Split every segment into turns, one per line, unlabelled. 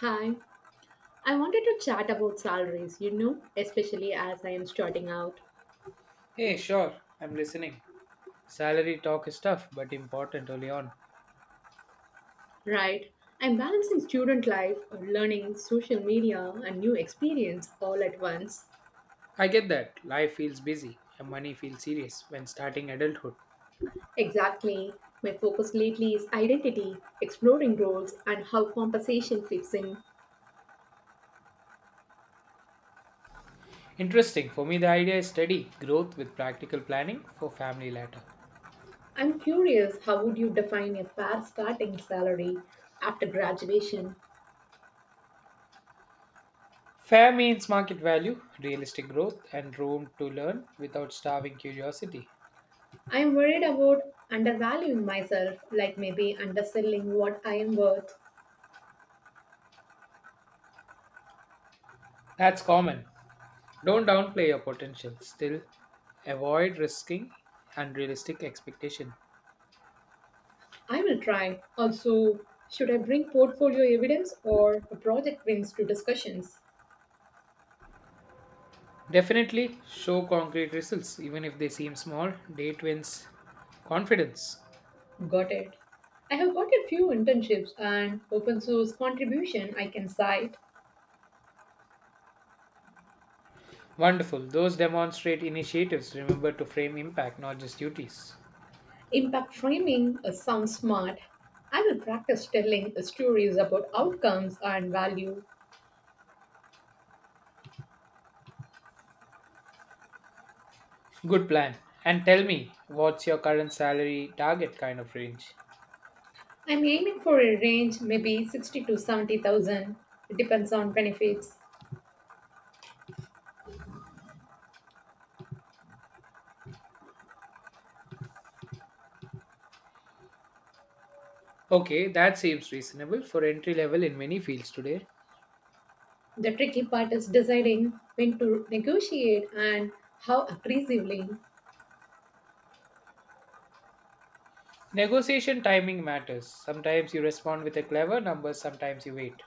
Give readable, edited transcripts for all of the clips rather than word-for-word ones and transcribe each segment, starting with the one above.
Hi, I wanted to chat about salaries, especially as I am starting out.
Hey, sure, I'm listening. Salary talk is tough but important early on.
Right, I'm balancing student life, learning, social media, and new experience all at once.
I get that. Life feels busy and money feels serious when starting adulthood.
Exactly. My focus lately is identity, exploring roles, and how compensation fits in.
Interesting. For me, the idea is steady growth with practical planning for family later.
I'm curious, how would you define a fair starting salary after graduation?
Fair means market value, realistic growth, and room to learn without starving curiosity.
I am worried about undervaluing myself, like maybe underselling what I am worth.
That's common. Don't downplay your potential. Still, avoid risking unrealistic expectation.
I will try. Also, should I bring portfolio evidence or a project wins to discussions?
Definitely show concrete results, even if they seem small. Date wins confidence.
Got it. I have got a few internships and open source contribution I can cite.
Wonderful. Those demonstrate initiatives. Remember to frame impact, not just duties.
Impact framing sounds smart. I will practice telling stories about outcomes and value.
Good plan. And tell me, what's your current salary target kind of range?
I'm aiming for a range maybe 60 to 70,000. It depends on benefits.
Okay, that seems reasonable for entry level in many fields today.
The tricky part is deciding when to negotiate and how aggressively.
Negotiation timing matters. Sometimes you respond with a clever number, sometimes you wait.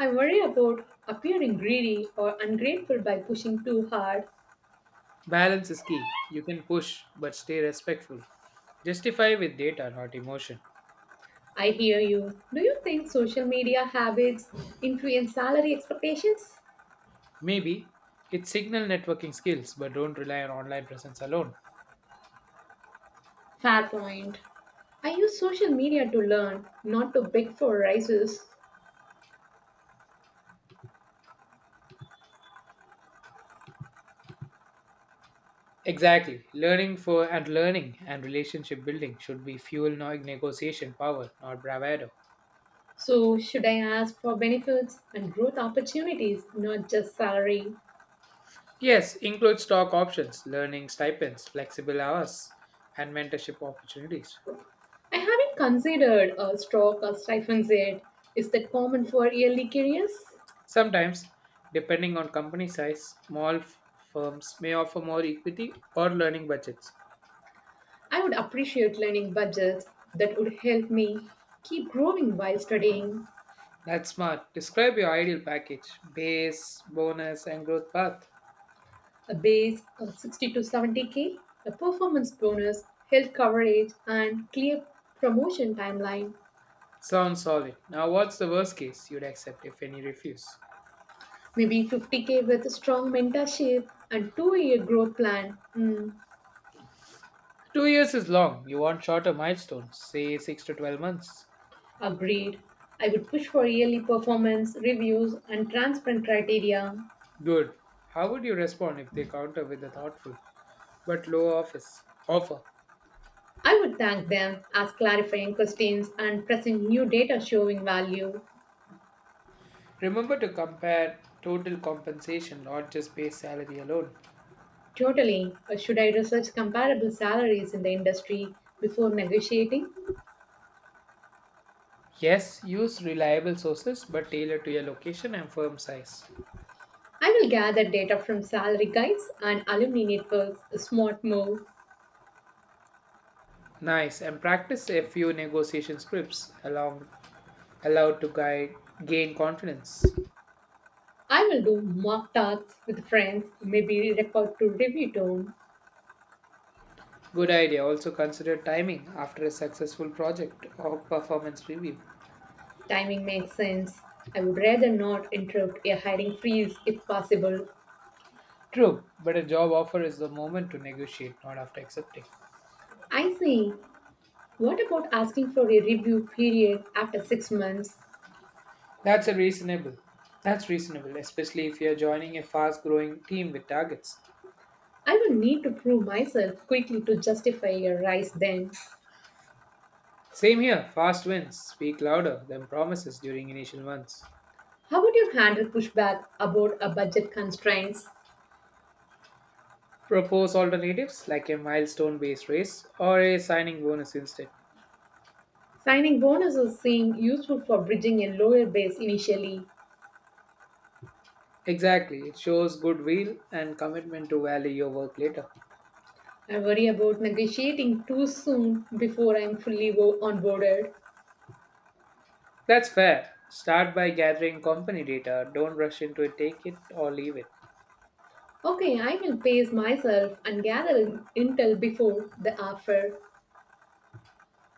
I worry about appearing greedy or ungrateful by pushing too hard.
Balance is key. You can push, but stay respectful. Justify with data, not emotion.
I hear you. Do you think social media habits influence salary expectations?
Maybe it's signal networking skills, but don't rely on online presence alone.
Fair point. I use social media to learn, not to beg for raises.
Exactly. Learning for and learning and relationship building should be fuel negotiation power, not bravado.
So, should I ask for benefits and growth opportunities, not just salary?
Yes, include stock options, learning stipends, flexible hours, and mentorship opportunities.
I haven't considered a stock or stipends yet. Is that common for yearly careers?
Sometimes, depending on company size, small firms may offer more equity or learning budgets.
I would appreciate learning budgets that would help me keep growing while studying
That's smart. Describe your ideal package, base, bonus, and growth path.
a base of 60 to 70k, a performance bonus, health coverage, and clear promotion timeline.
Sounds solid. Now, what's the worst case you'd accept if any refuse?
Maybe 50k with a strong mentorship and 2-year growth plan. Hmm,
2 years is long. You want shorter milestones, say 6 to 12 months.
agreed. I would push for yearly performance reviews and transparent criteria.
Good. How would you respond if they counter with a thoughtful but low office offer?
I would thank them, ask clarifying questions, and present new data showing value.
Remember to compare total compensation, not just base salary alone.
Totally. Should I research comparable salaries in the industry before negotiating?
Yes, use reliable sources but tailor to your location and firm size.
I will gather data from salary guides and alumni networks, a smart move.
Nice, and practice a few negotiation scripts along allowed to guide gain confidence.
I will do mock talks with friends, maybe record to review tone.
Good idea. Also consider timing after a successful project or performance review.
Timing makes sense. I would rather not interrupt a hiring freeze if possible.
True, but a job offer is the moment to negotiate, not after accepting.
I see. What about asking for a review period after 6 months?
That's a reasonable. That's reasonable, especially if you're joining a fast growing team with targets.
I will need to prove myself quickly to justify a rise then.
Same here, fast wins. Speak louder than promises during initial months.
How would you handle pushback about a budget constraints?
Propose alternatives like a milestone based raise or a signing bonus instead.
Signing bonuses seem useful for bridging a lower base initially.
Exactly, it shows goodwill and commitment to value your work later.
I worry about negotiating too soon before I'm fully onboarded.
That's fair. Start by gathering company data. Don't rush into it, take it or leave it.
Okay, I will pace myself and gather intel before the offer.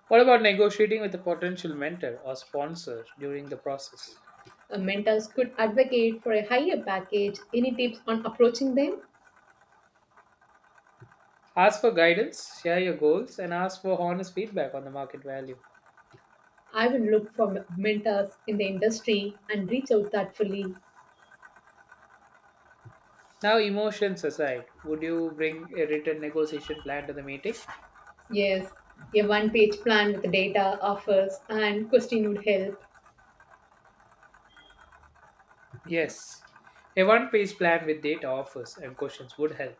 What about negotiating with a potential mentor or sponsor during the process?
A mentors could advocate for a higher package. Any tips on approaching them?
Ask for guidance, share your goals, and ask for honest feedback on the market value.
I will look for mentors in the industry and reach out thoughtfully.
Now, emotions aside, would you bring a written negotiation plan to the meeting?
Yes, a one page plan with data, offers, and question would help.
Yes. A one page plan with data offers and questions would help.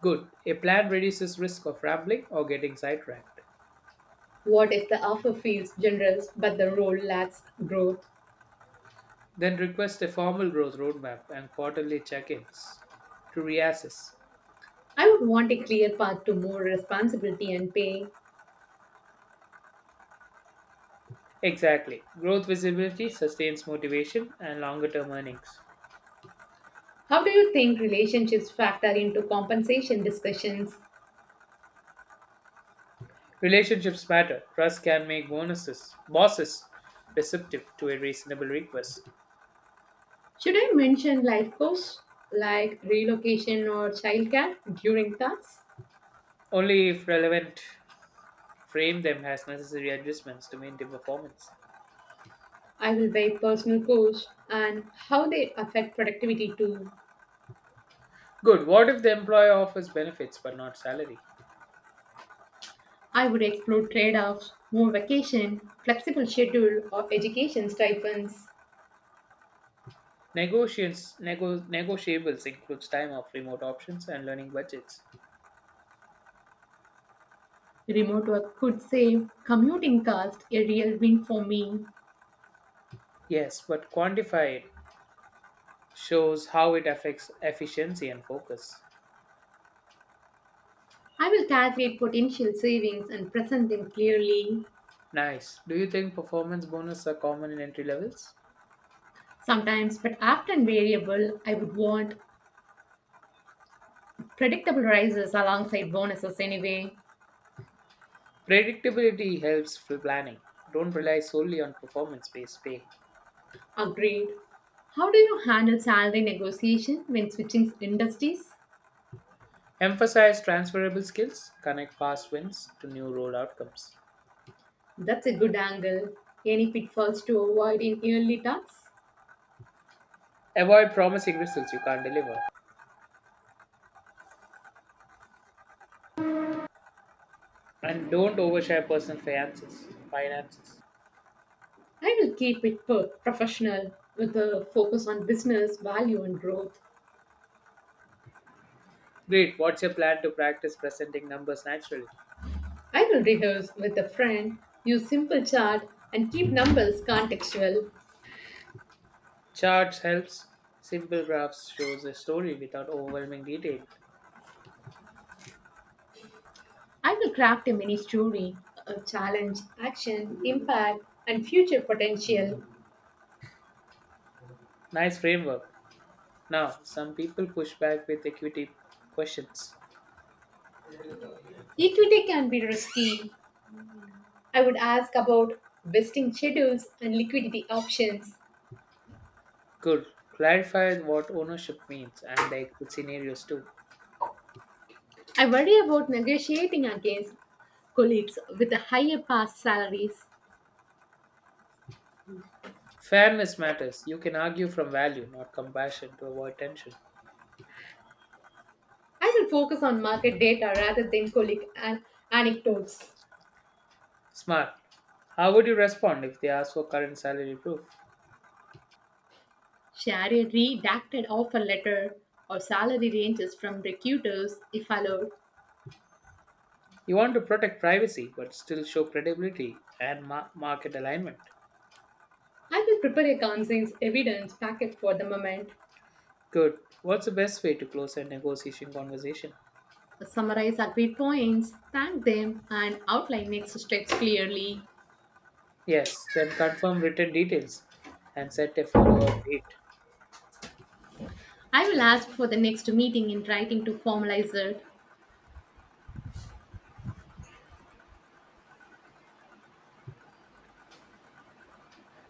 Good. A plan reduces risk of rambling or getting sidetracked.
What if the offer feels generous but the role lacks growth?
Then request a formal growth roadmap and quarterly check ins to reassess.
I would want a clear path to more responsibility and pay.
Exactly. Growth visibility sustains motivation and longer term earnings.
How do you think relationships factor into compensation discussions?
Relationships matter. Trust can make bonuses, bosses receptive to a reasonable request.
Should I mention life costs like relocation or childcare during tasks?
Only if relevant, frame them as necessary adjustments to maintain performance.
I will weigh personal costs and how they affect productivity too.
Good. What if the employer offers benefits but not salary?
I would explore trade offs, more vacation, flexible schedule of education stipends.
Negotiations, nego- negotiables includes time off, remote options, and learning budgets.
Remote work could save commuting cost, a real win for me.
Yes, but quantified shows how it affects efficiency and focus.
I will calculate potential savings and present them clearly.
Nice. Do you think performance bonus are common in entry levels?
Sometimes, but often variable, I would want predictable rises alongside bonuses anyway.
Predictability helps for planning. Don't rely solely on performance based pay.
Agreed. How do you handle salary negotiation when switching industries?
Emphasize transferable skills, connect past wins to new role outcomes.
That's a good angle. Any pitfalls to avoid in early talks?
Avoid promising results you can't deliver. And don't overshare personal finances. Finances.
I will keep it professional with a focus on business, value, and growth.
Great. What's your plan to practice presenting numbers naturally?
I will rehearse with a friend, use simple chart, and keep numbers contextual.
Charts helps simple graphs shows the story without overwhelming detail.
I will craft a mini story, a challenge, action, impact, and future potential.
Nice framework. Now, some people push back with equity questions.
Equity can be risky. I would ask about vesting schedules and liquidity options.
Good. Clarify what ownership means and the exit scenarios too.
I worry about negotiating against colleagues with higher past salaries.
Fairness matters. You can argue from value, not compassion, to avoid tension.
I will focus on market data rather than colleague anecdotes.
Smart. How would you respond if they ask for current salary proof?
Share a redacted offer letter or salary ranges from recruiters if allowed.
You want to protect privacy but still show credibility and market alignment.
I will prepare a conscience evidence packet for the moment.
Good. What's the best way to close a negotiation conversation?
Summarize agreed points, thank them, and outline next steps clearly.
Yes, then confirm written details and set a follow up date.
I will ask for the next meeting in writing to formalize it.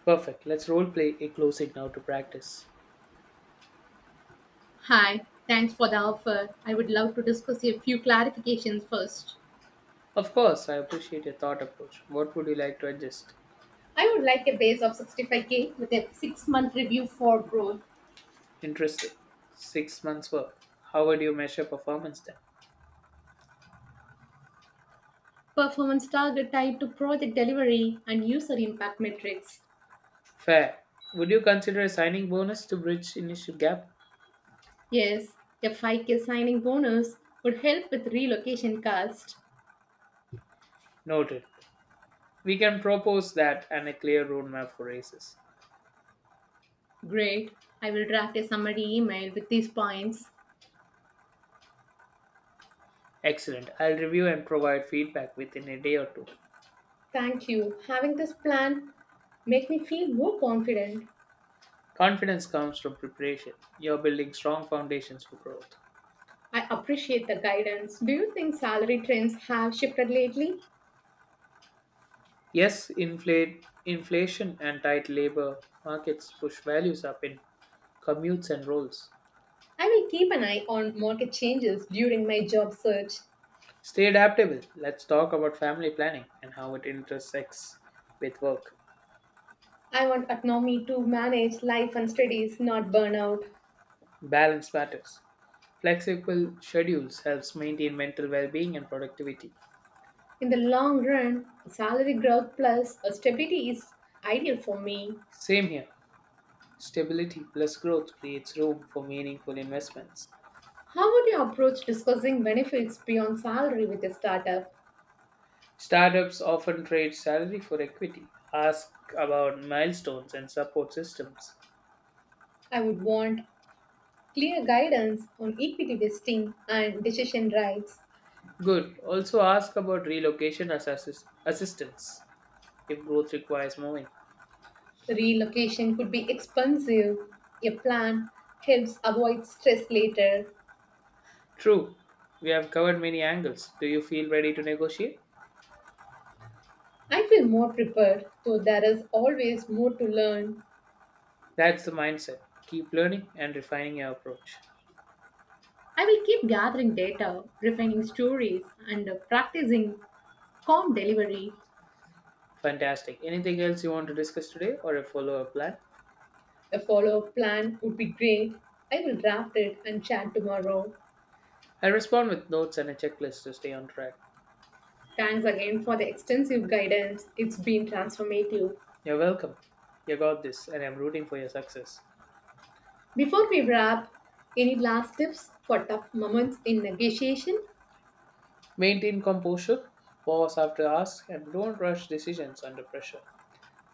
Perfect. Let's role play a closing now to practice.
Hi, thanks for the offer. I would love to discuss a few clarifications first.
Of course, I appreciate your thought approach. What would you like to adjust?
I would like a base of 65k with a 6 month review for growth,
Interesting. 6 months work. How would you measure performance then?
performance target tied to project delivery, and user impact metrics.
Fair. Would you consider a signing bonus to bridge initial gap?
Yes, a 5k signing bonus would help with relocation cost.
Noted. We can propose that and a clear roadmap for races.
Great. I will draft a summary email with these points.
Excellent. I'll review and provide feedback within a day or two.
Thank you. Having this plan make me feel more confident.
Confidence comes from preparation. You're building strong foundations for growth.
I appreciate the guidance. Do you think salary trends have shifted lately?
Yes, inflation and tight labor markets push values up in commutes and roles.
I will keep an eye on market changes during my job search.
Stay adaptable. Let's talk about family planning and how it intersects with work.
I want autonomy to manage life and studies, not burnout.
Balance matters. Flexible schedules helps maintain mental well-being and productivity.
In the long run, salary growth plus a stability is ideal for me.
Same here. Stability plus growth creates room for meaningful investments.
How would you approach discussing benefits beyond salary with a startup?
Startups often trade salary for equity, ask about milestones and support systems.
I would want clear guidance on equity vesting and decision rights.
Good. Also ask about relocation as assistance if growth requires moving.
Relocation could be expensive. A plan helps avoid stress later.
True. We have covered many angles. Do you feel ready to negotiate?
I feel more prepared, though there is always more to learn.
That's the mindset. Keep learning and refining your approach.
I will keep gathering data, refining stories, and practicing calm delivery.
Fantastic. Anything else you want to discuss today or a follow up plan?
A follow up plan would be great. I will draft it and chat tomorrow.
I respond with notes and a checklist to stay on track.
Thanks again for the extensive guidance. It's been transformative.
You're welcome. You got this, and I'm rooting for your success.
Before we wrap, any last tips for tough moments in negotiation?
Maintain composure, pause after ask, and don't rush decisions under pressure.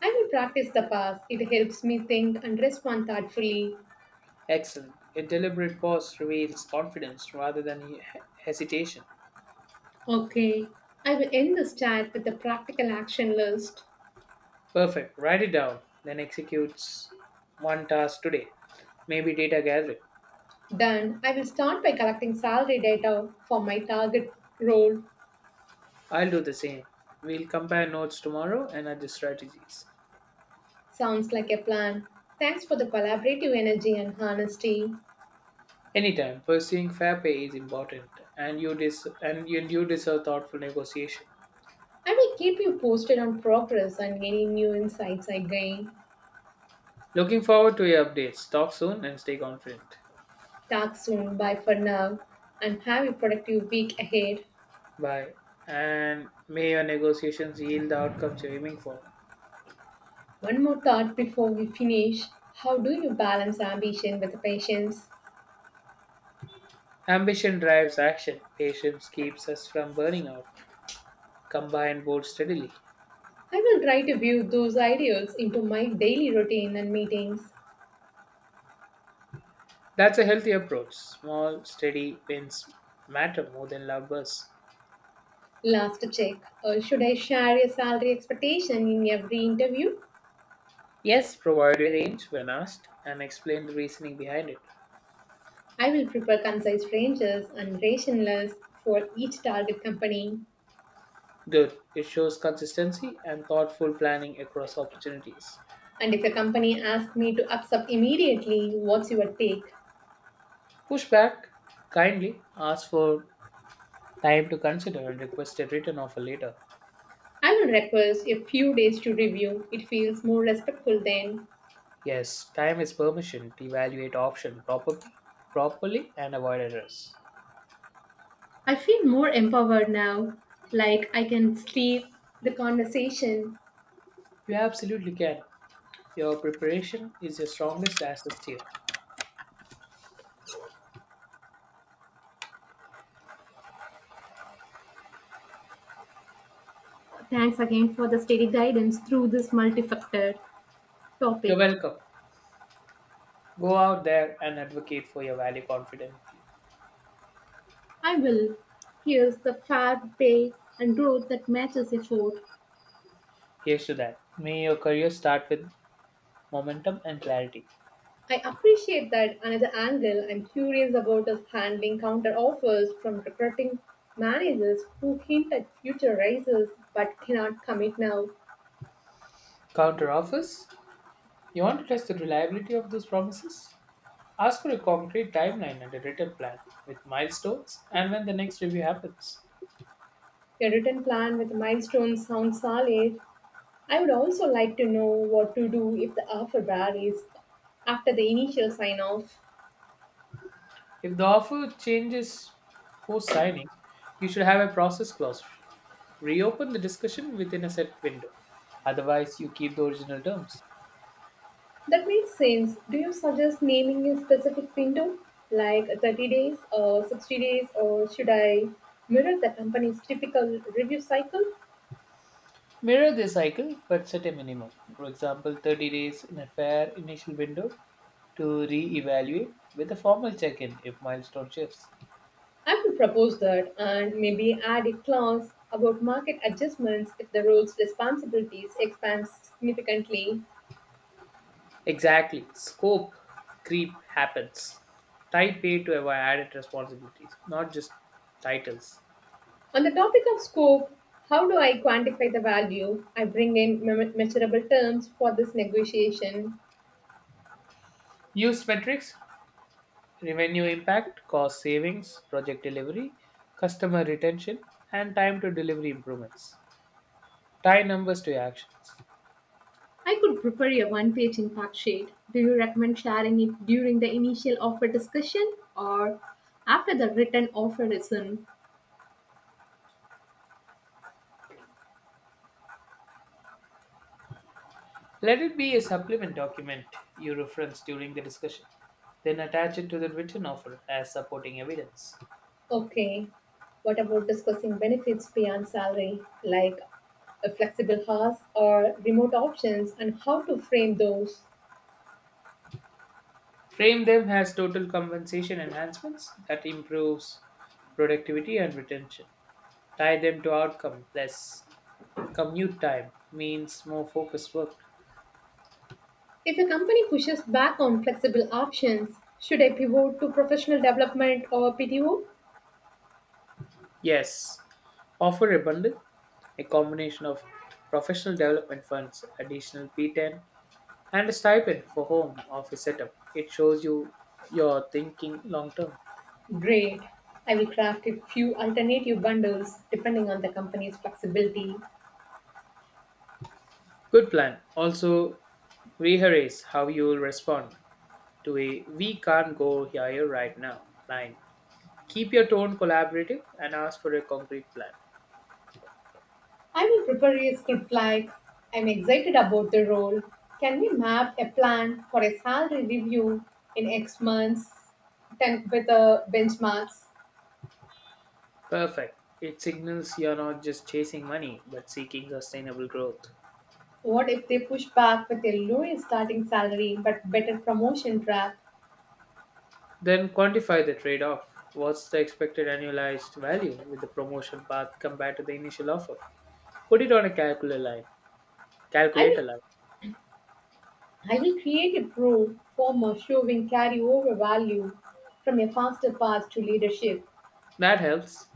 I will practice the pass. It helps me think and respond thoughtfully.
Excellent. A deliberate pause reveals confidence rather than hesitation.
Okay, I will end this chat with a practical action list.
Perfect. Write it down, then executes one task today, maybe data gathering.
Done. I will start by collecting salary data for my target role.
I'll do the same. We'll compare notes tomorrow and adjust strategies.
Sounds like a plan. Thanks for the collaborative energy and honesty.
Anytime, pursuing fair pay is important, and you deserve thoughtful negotiation.
I will keep you posted on progress and any new insights I gain.
Looking forward to your updates. Talk soon and stay confident.
Talk soon. Bye for now. And have a productive week ahead.
Bye. And may your negotiations yield the outcomes you're aiming for.
One more thought before we finish. How do you balance ambition with patience?
Ambition drives action. Patience keeps us from burning out. Combine both steadily.
I will try to view those ideals into my daily routine and meetings.
That's a healthy approach. Small, steady wins matter more than loud bursts.
Last check. Should I share your salary expectation in every interview?
Yes, provide a range when asked and explain the reasoning behind it.
I will prepare concise ranges and rationales for each target company.
Good. It shows consistency and thoughtful planning across opportunities.
And if a company asks me to accept immediately, what's your take?
Push back kindly. Ask for time to consider and request a written offer later.
I will request a few days to review. It feels more respectful then.
Yes, time is permission to evaluate option properly and avoid errors.
I feel more empowered now, like I can steer the conversation.
You absolutely can. Your preparation is your strongest asset here.
Thanks again for the steady guidance through this multi factor
You're
topic.
welcome. Go out there and advocate for your value confidently.
I will. Here's the fair pay and growth that matches effort.
Here's to that. May your career start with momentum and clarity.
I appreciate that another angle I'm curious about is handling counter offers from recruiting managers who hint at future raises but cannot commit now.
Counter offers? You want to test the reliability of those promises? Ask for a concrete timeline and a written plan with milestones and when the next review happens.
Your written plan with milestones sounds solid. I would also like to know what to do if the offer varies after the initial sign off.
If the offer changes post signing, you should have a process clause. Reopen the discussion within a set window. Otherwise, you keep the original terms.
That makes sense. Do you suggest naming a specific window, like 30 days or 60 days, or should I mirror the company's typical review cycle?
Mirror this cycle but set a minimum. For example, 30 days in a fair initial window to re evaluate with a formal check in if milestone shifts.
I will propose that and maybe add a clause about market adjustments if the role's responsibilities expand significantly.
Exactly. Scope creep happens. Tie pay to avoid added responsibilities, not just titles.
On the topic of scope, how do I quantify the value? I bring in measurable terms for this negotiation.
Use metrics revenue impact, cost savings, project delivery, customer retention, and time to delivery improvements. Tie numbers to your actions.
I could prepare a one page impact sheet. Do you recommend sharing it during the initial offer discussion or after the written offer is in?
Let it be a supplement document you reference during the discussion, then attach it to the written offer as supporting evidence.
Okay. What about discussing benefits beyond salary, like a flexible hours or remote options, and how to frame those?
Frame them as total compensation enhancements that improves productivity and retention. Tie them to outcome less commute time means more focused work.
If a company pushes back on flexible options, should I pivot to professional development or PTO?
Yes, offer a bundle A combination of professional development funds, additional P10, and a stipend for home office setup. It shows you're thinking long term.
Great. I will craft a few alternative bundles depending on the company's flexibility.
Good plan. Also, rehearse how you'll respond to a we can't go here right now line. Keep your tone collaborative and ask for a concrete plan.
I will prepare a script like I'm excited about the role. Can we map a plan for a salary review in X months ten, with the benchmarks?
Perfect. It signals you're not just chasing money, but seeking sustainable growth.
What if they push back with a lower starting salary but better promotion track?
Then quantify the trade off. What's the expected annualized value with the promotion path compared to the initial offer? Put it on a calculator line.
I
Calculator
will,
line.
I will create a pro form of showing carryover value from a faster path to leadership.
That helps.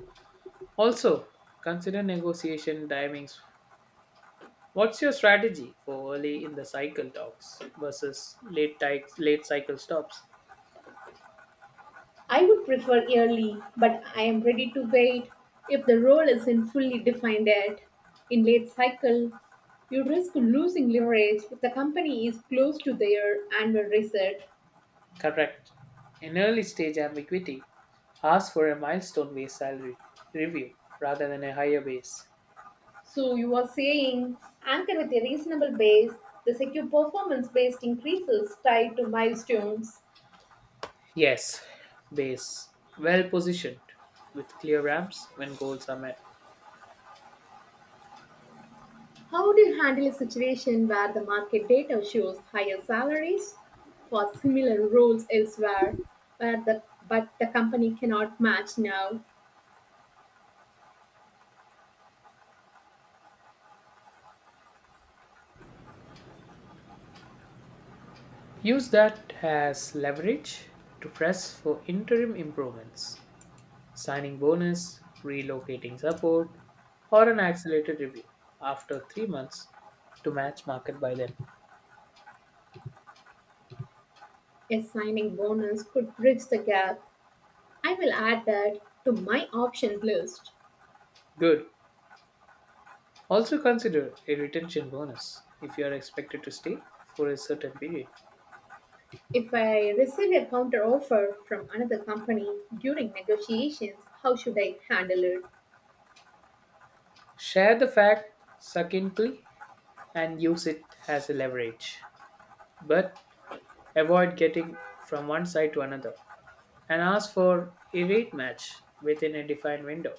Also, consider negotiation timings. What's your strategy for early in the cycle talks versus late cycle stops?
I would prefer early, but I am ready to wait if the role isn't fully defined yet. In late cycle, you risk losing leverage if the company is close to their annual reset.
Correct. In early stage ambiguity, ask for a milestone based salary review rather than a higher base.
So you are saying anchor with a reasonable base, the secure performance based increases tied to milestones.
Yes, base. Well positioned with clear ramps when goals are met.
How do you handle a situation where the market data shows higher salaries for similar roles elsewhere, where the, but the company cannot match now?
Use that as leverage to press for interim improvements, signing bonus, relocating support, or an accelerated review after 3 months to match market by then.
Assigning bonus could bridge the gap. I will add that to my options list.
Good. Also consider a retention bonus if you are expected to stay for a certain period.
If I receive a counteroffer from another company during negotiations, how should I handle it?
Share the fact succinctly and use it as a leverage. But avoid getting from one side to another, and ask for a rate match within a defined window.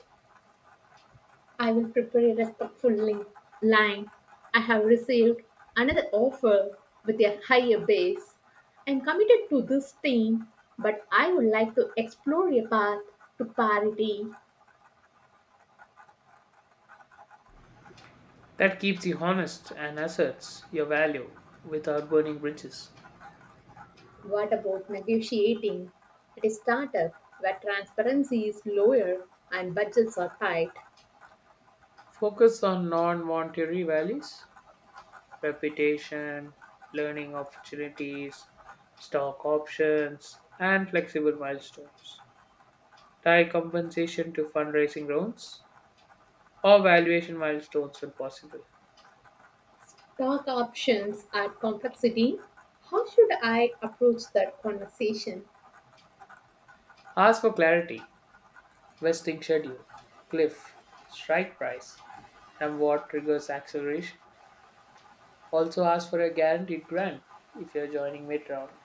I will prepare a respectful link line. I have received another offer with a higher base. I am committed to this team, but I would like to explore a path to parity.
That keeps you honest and asserts your value without burning bridges.
What about negotiating at a startup where transparency is lower and budgets are tight?
Focus on non monetary values, reputation, learning opportunities, stock options, and flexible milestones. Tie compensation to fundraising rounds or valuation milestones when possible.
Stock options add complexity. How should I approach that conversation?
Ask for clarity Vesting schedule, cliff, strike price, and what triggers acceleration. Also ask for a guaranteed grant if you're joining mid round.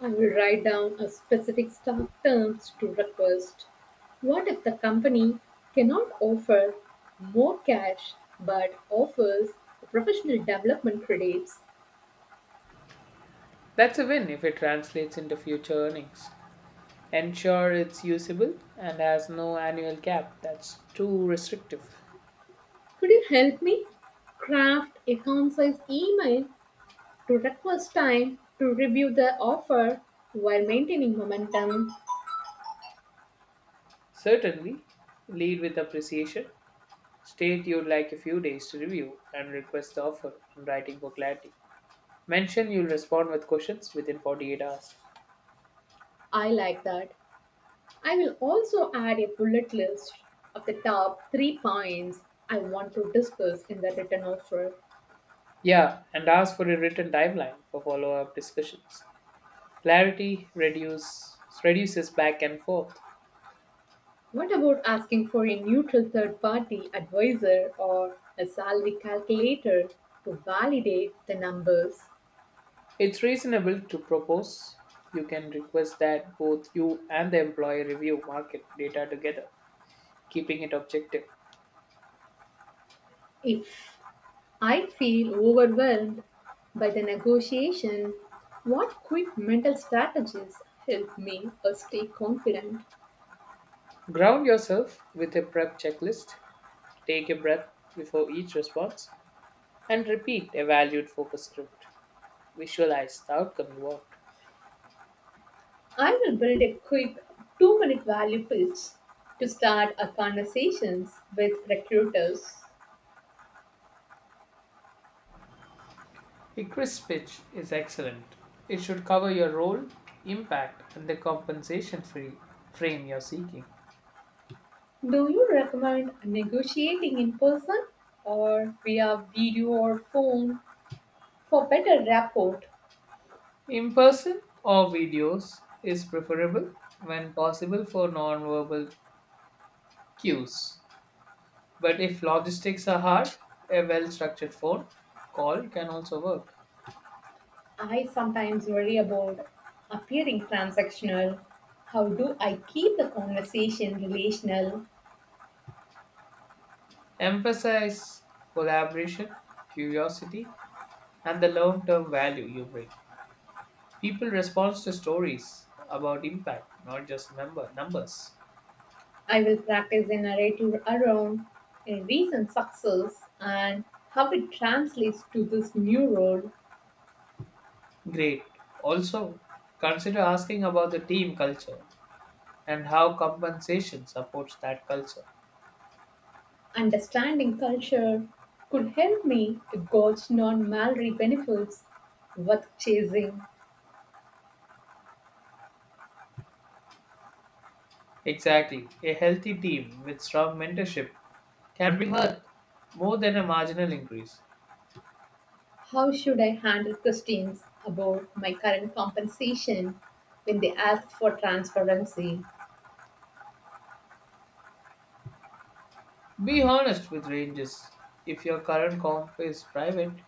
I will write down a specific stock terms to request. What if the company cannot offer more cash but offers professional development credits?
That's a win if it translates into future earnings. Ensure it's usable and has no annual cap that's too restrictive.
Could you help me craft a concise email to request time to review the offer while maintaining momentum.
Certainly, lead with appreciation. State you'd like a few days to review and request the offer in writing for clarity. Mention you'll respond with questions within 48 hours.
I like that. I will also add a bullet list of the top three points I want to discuss in the written offer.
Yeah, and ask for a written timeline for follow up discussions. Reduces back and forth.
What about asking for a neutral third party advisor or a salary calculator to validate the numbers?
It's reasonable to propose. You can request that both you and the employer review market data together, keeping it objective.
If I feel overwhelmed by the negotiation, what quick mental strategies help me stay confident?
Ground yourself with a prep checklist, take a breath before each response, and repeat a valued focus script. Visualize the outcome you want.
I will build a quick 2 minute value pitch to start our conversations with recruiters.
A crisp pitch is excellent. It should cover your role, impact, and the compensation free frame you're seeking.
Do you recommend negotiating in person or via video or phone for better rapport?
In person or videos is preferable when possible for nonverbal cues. But if logistics are hard, a well structured phone call can also work.
I sometimes worry about appearing transactional. How do I keep the conversation relational?
Emphasize collaboration, curiosity, and the long term value you bring. People respond to stories about impact, not just member numbers.
I will practice a narrative around a recent success and how it translates to this new role.
Great. Also, consider asking about the team culture and how compensation supports that culture.
Understanding culture could help me to gauge non malary benefits worth chasing.
Exactly. A healthy team with strong mentorship can be worth more than a marginal increase.
How should I handle questions about my current compensation when they ask for transparency?
Be honest with ranges. If your current comp is private,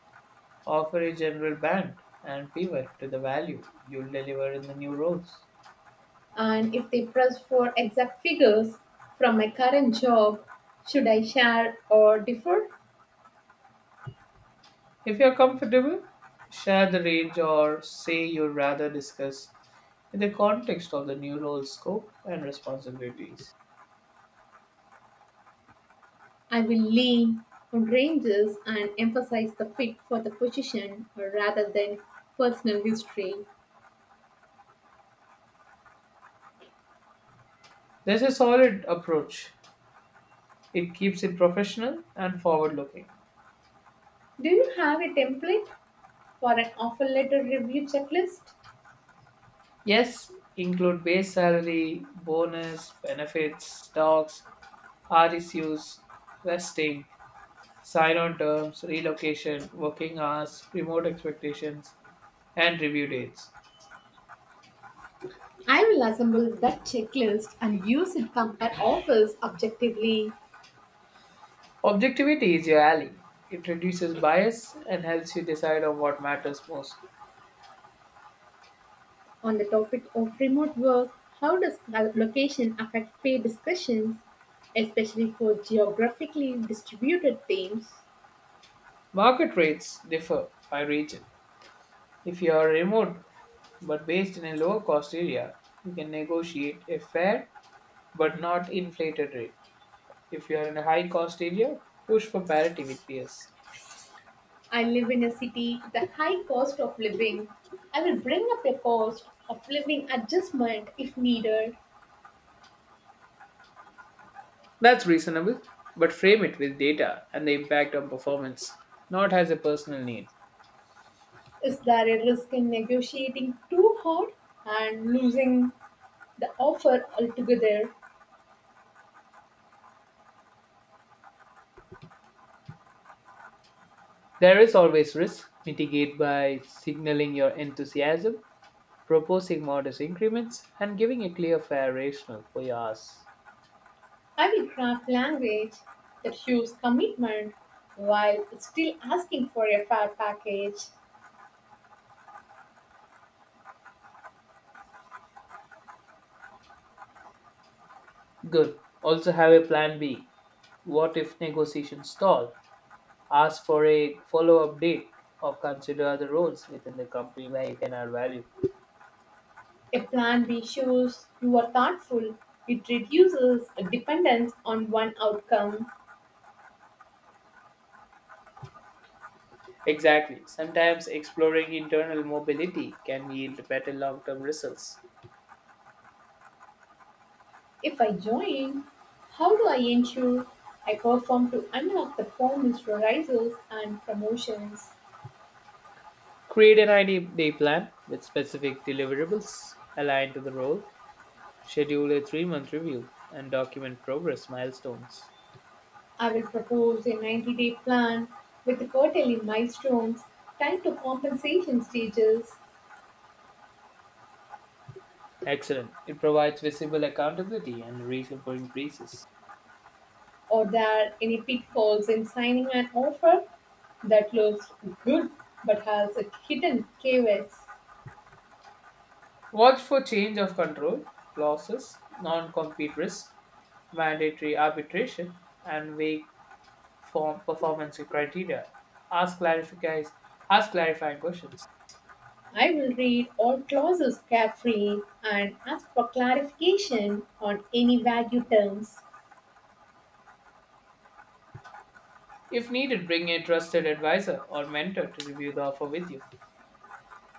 offer a general band and pivot to the value you'll deliver in the new roles.
And if they press for exact figures from my current job, should I share or differ?
If you're comfortable, share the range or say you'd rather discuss in the context of the new role scope and responsibilities.
I will lean on ranges and emphasize the fit for the position rather than personal history.
There's a solid approach. It keeps it professional and forward looking.
Do you have a template for an offer letter review checklist?
Yes, include base salary, bonus, benefits, stocks, RSUs, vesting, sign on terms, relocation, working hours, remote expectations, and review dates.
I will assemble that checklist and use it to compare offers objectively.
Objectivity is your ally. It reduces bias and helps you decide on what matters most.
On the topic of remote work, how does location affect pay discussions, especially for geographically distributed teams?
Market rates differ by region. If you are remote but based in a lower cost area, you can negotiate a fair but not inflated rate. If you are in a high cost area, push for parity with peers.
I live in a city with a high cost of living. I will bring up a cost of living adjustment if needed.
That's reasonable, but frame it with data and the impact on performance, not as a personal need.
Is there a risk in negotiating too hard and losing the offer altogether?
There is always risk, mitigate by signaling your enthusiasm proposing modest increments, and giving a clear, fair rationale for yours.
I will craft language that shows commitment while still asking for a fair package.
Good. Also have a plan B. What if negotiations stall? Ask for a follow up date or consider other roles within the company where you can add value.
A plan B shows you are thoughtful. It reduces dependence on one outcome.
Exactly. Sometimes exploring internal mobility can yield better long term results.
If I join, how do I ensure I perform to unlock the performance rises and promotions?
Create an 90-day plan with specific deliverables aligned to the role. Schedule a 3 month review and document progress milestones.
I will propose a 90-day plan with quarterly milestones tied to compensation stages.
Excellent. It provides visible accountability and a reason for increases.
Are there any pitfalls in signing an offer that looks good but has a hidden caveats?
Watch for change of control, clauses, non compete risk, mandatory arbitration, and vague form performance criteria. Ask, clarifies, Ask clarifying questions.
I will read all clauses carefully and ask for clarification on any value terms.
If needed, bring a trusted advisor or mentor to review the offer with you.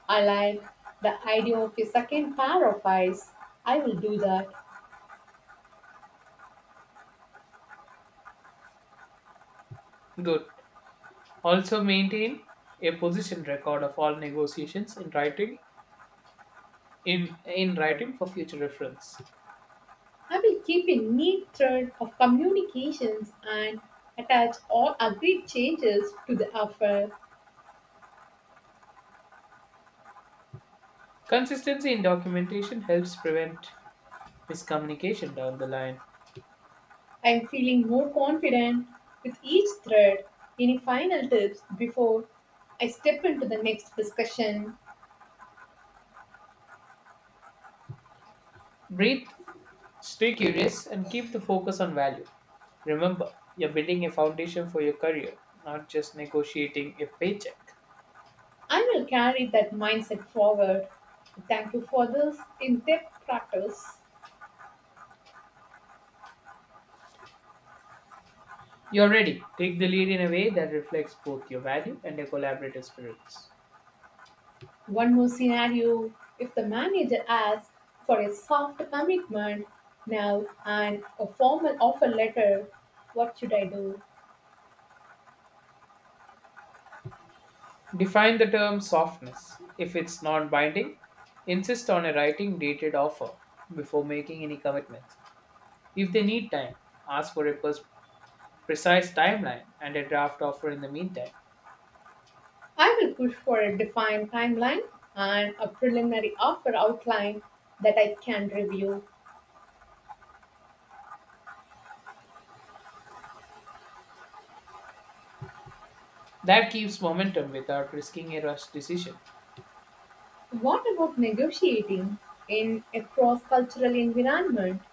I like the idea of a second pair of eyes. I will do that.
Good. Also maintain a position record of all negotiations in writing in writing for future reference.
I will keep a neat thread of communications and attach all agreed changes to the offer.
Consistency in documentation helps prevent miscommunication down the line.
I am feeling more confident with each thread. Any final tips before I step into the next discussion?
Breathe, stay curious, and keep the focus on value. Remember, you're building a foundation for your career, not just negotiating a paycheck.
I will carry that mindset forward. Thank you for this in depth practice.
You're ready. Take the lead in a way that reflects both your value and your collaborative spirits.
One more scenario, if the manager asks for a soft commitment now and a formal offer letter, what should I do?
Define the term softness. If it's non binding, insist on a writing dated offer before making any commitments. If they need time, ask for a precise timeline and a draft offer in the meantime.
I will push for a defined timeline and a preliminary offer outline that I can review.
That keeps momentum without risking a rushed decision.
What about negotiating in a cross cultural environment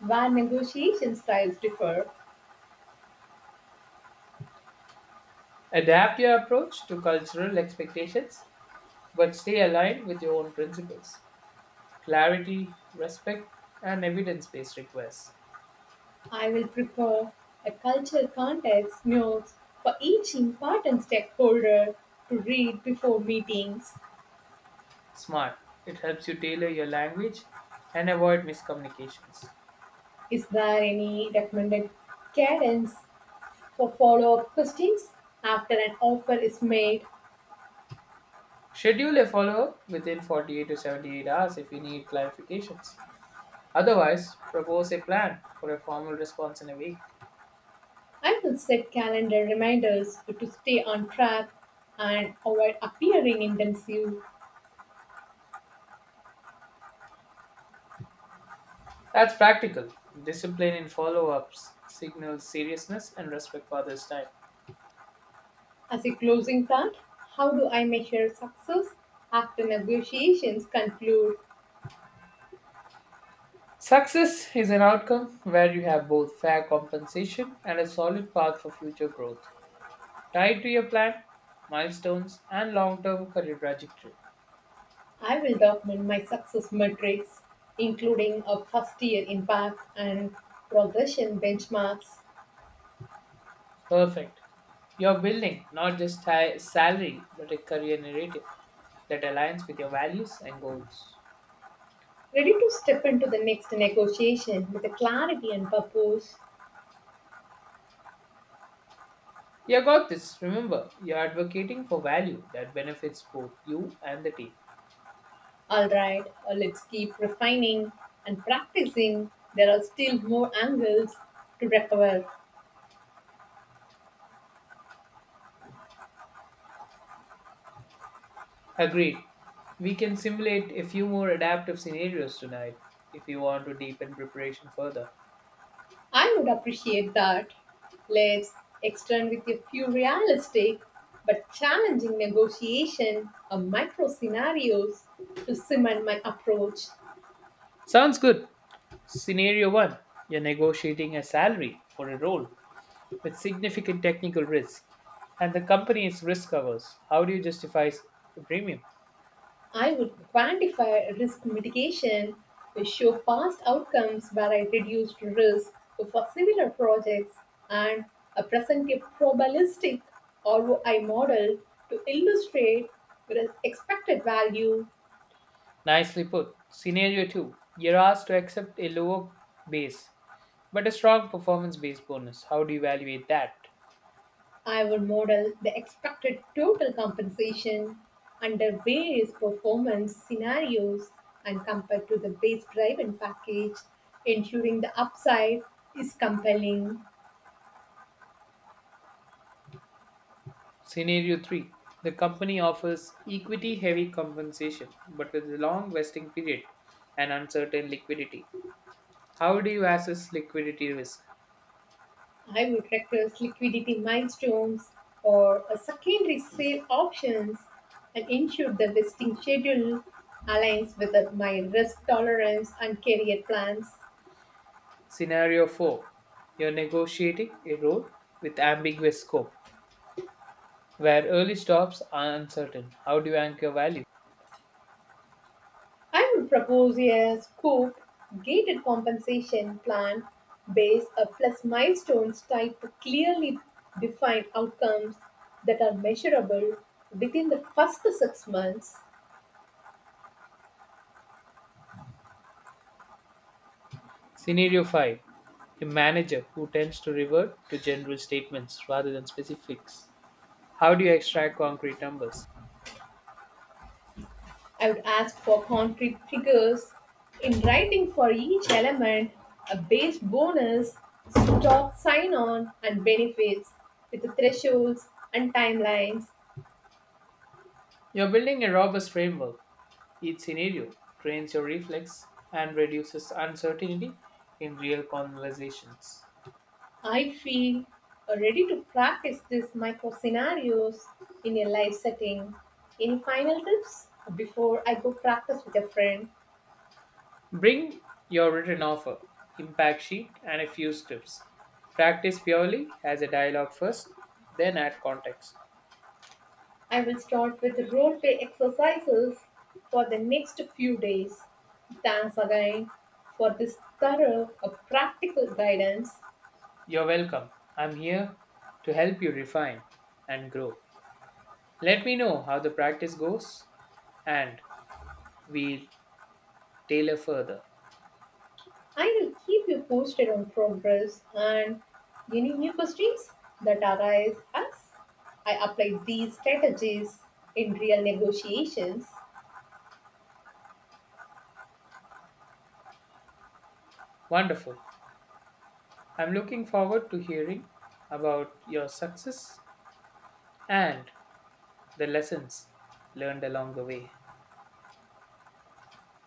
where negotiation styles differ?
Adapt your approach to cultural expectations, but stay aligned with your own principles. Clarity, respect, and evidence based requests.
I will prepare a cultural context notes for each important stakeholder to read before meetings.
SMART. It helps you tailor your language and avoid miscommunications.
Is there any recommended cadence for follow up questions? After an offer is made,
Schedule a follow up within 48 to 78 hours if you need clarifications. Otherwise, propose a plan for a formal response in a week.
I will set calendar reminders to stay on track and avoid appearing intensive.
That's practical. Discipline in follow ups signals seriousness and respect for others' time.
As a closing thought, how do I measure success after negotiations conclude?
Success is an outcome where you have both fair compensation and a solid path for future growth, tied to your plan, milestones, and long term career trajectory.
I will document my success metrics, including a first year impact and progression benchmarks,
Perfect. You're building not just salary but a career narrative that aligns with your values and goals.
ready to step into the next negotiation with a clarity and purpose.
You got this. Remember, you're advocating for value that benefits both you and the team.
All right, let's keep refining and practicing. There are still more angles to recover.
Agreed. We can simulate a few more adaptive scenarios tonight if you want to deepen preparation further.
I would appreciate that. Let's extend with a few realistic but challenging negotiation or micro scenarios to cement my approach.
Sounds good. Scenario 1, you're negotiating a salary for a role with significant technical risk, and the company is risk averse. How do you justify the premium?
I would quantify risk mitigation, to show past outcomes where I reduced risk for similar projects, and present a probabilistic ROI model to illustrate the expected value.
Nicely put. Scenario 2, you're asked to accept a lower base but a strong performance based bonus. How do you evaluate that?
I would model the expected total compensation under various performance scenarios and compare to the base driven package, ensuring the upside is compelling.
Scenario 3, the company offers equity heavy compensation but with a long vesting period and uncertain liquidity. How do you assess liquidity risk?
I would request liquidity milestones or a secondary sale options and ensure the vesting schedule aligns with my risk tolerance and career plans.
Scenario 4, you're negotiating a role with ambiguous scope where early stops are uncertain. How do you anchor value?
I would propose a scope gated compensation plan based on plus milestones tied to clearly defined outcomes that are measurable within the first six months.
Scenario 5, a manager who tends to revert to general statements rather than specifics. How do you extract concrete numbers?
I would ask for concrete figures in writing for each element, a base bonus, stock sign on, and benefits with the thresholds and timelines.
You're building a robust framework. Each scenario trains your reflex and reduces uncertainty in real conversations.
I feel ready to practice these micro scenarios in a live setting. Any final tips before I go practice with a friend?
Bring your written offer, impact sheet, and a few scripts. Practice purely as a dialogue first, then add context.
I will start with the role play exercises for the next few days. Thanks again for this thorough practical guidance.
You're welcome. I'm here to help you refine and grow. Let me know how the practice goes and we'll tailor further.
I will keep you posted on progress and any new questions that arise as I apply these strategies in real negotiations.
Wonderful. I'm looking forward to hearing about your success and the lessons learned along the way.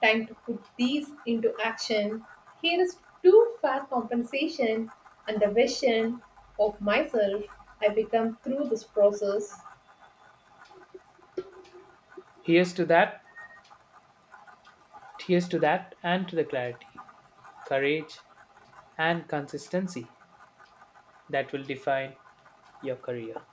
Time to put these into action. Here is to fair compensation and the vision of myself I become through this process.
Here's to that, here's to that, and to the clarity, courage, and consistency that will define your career.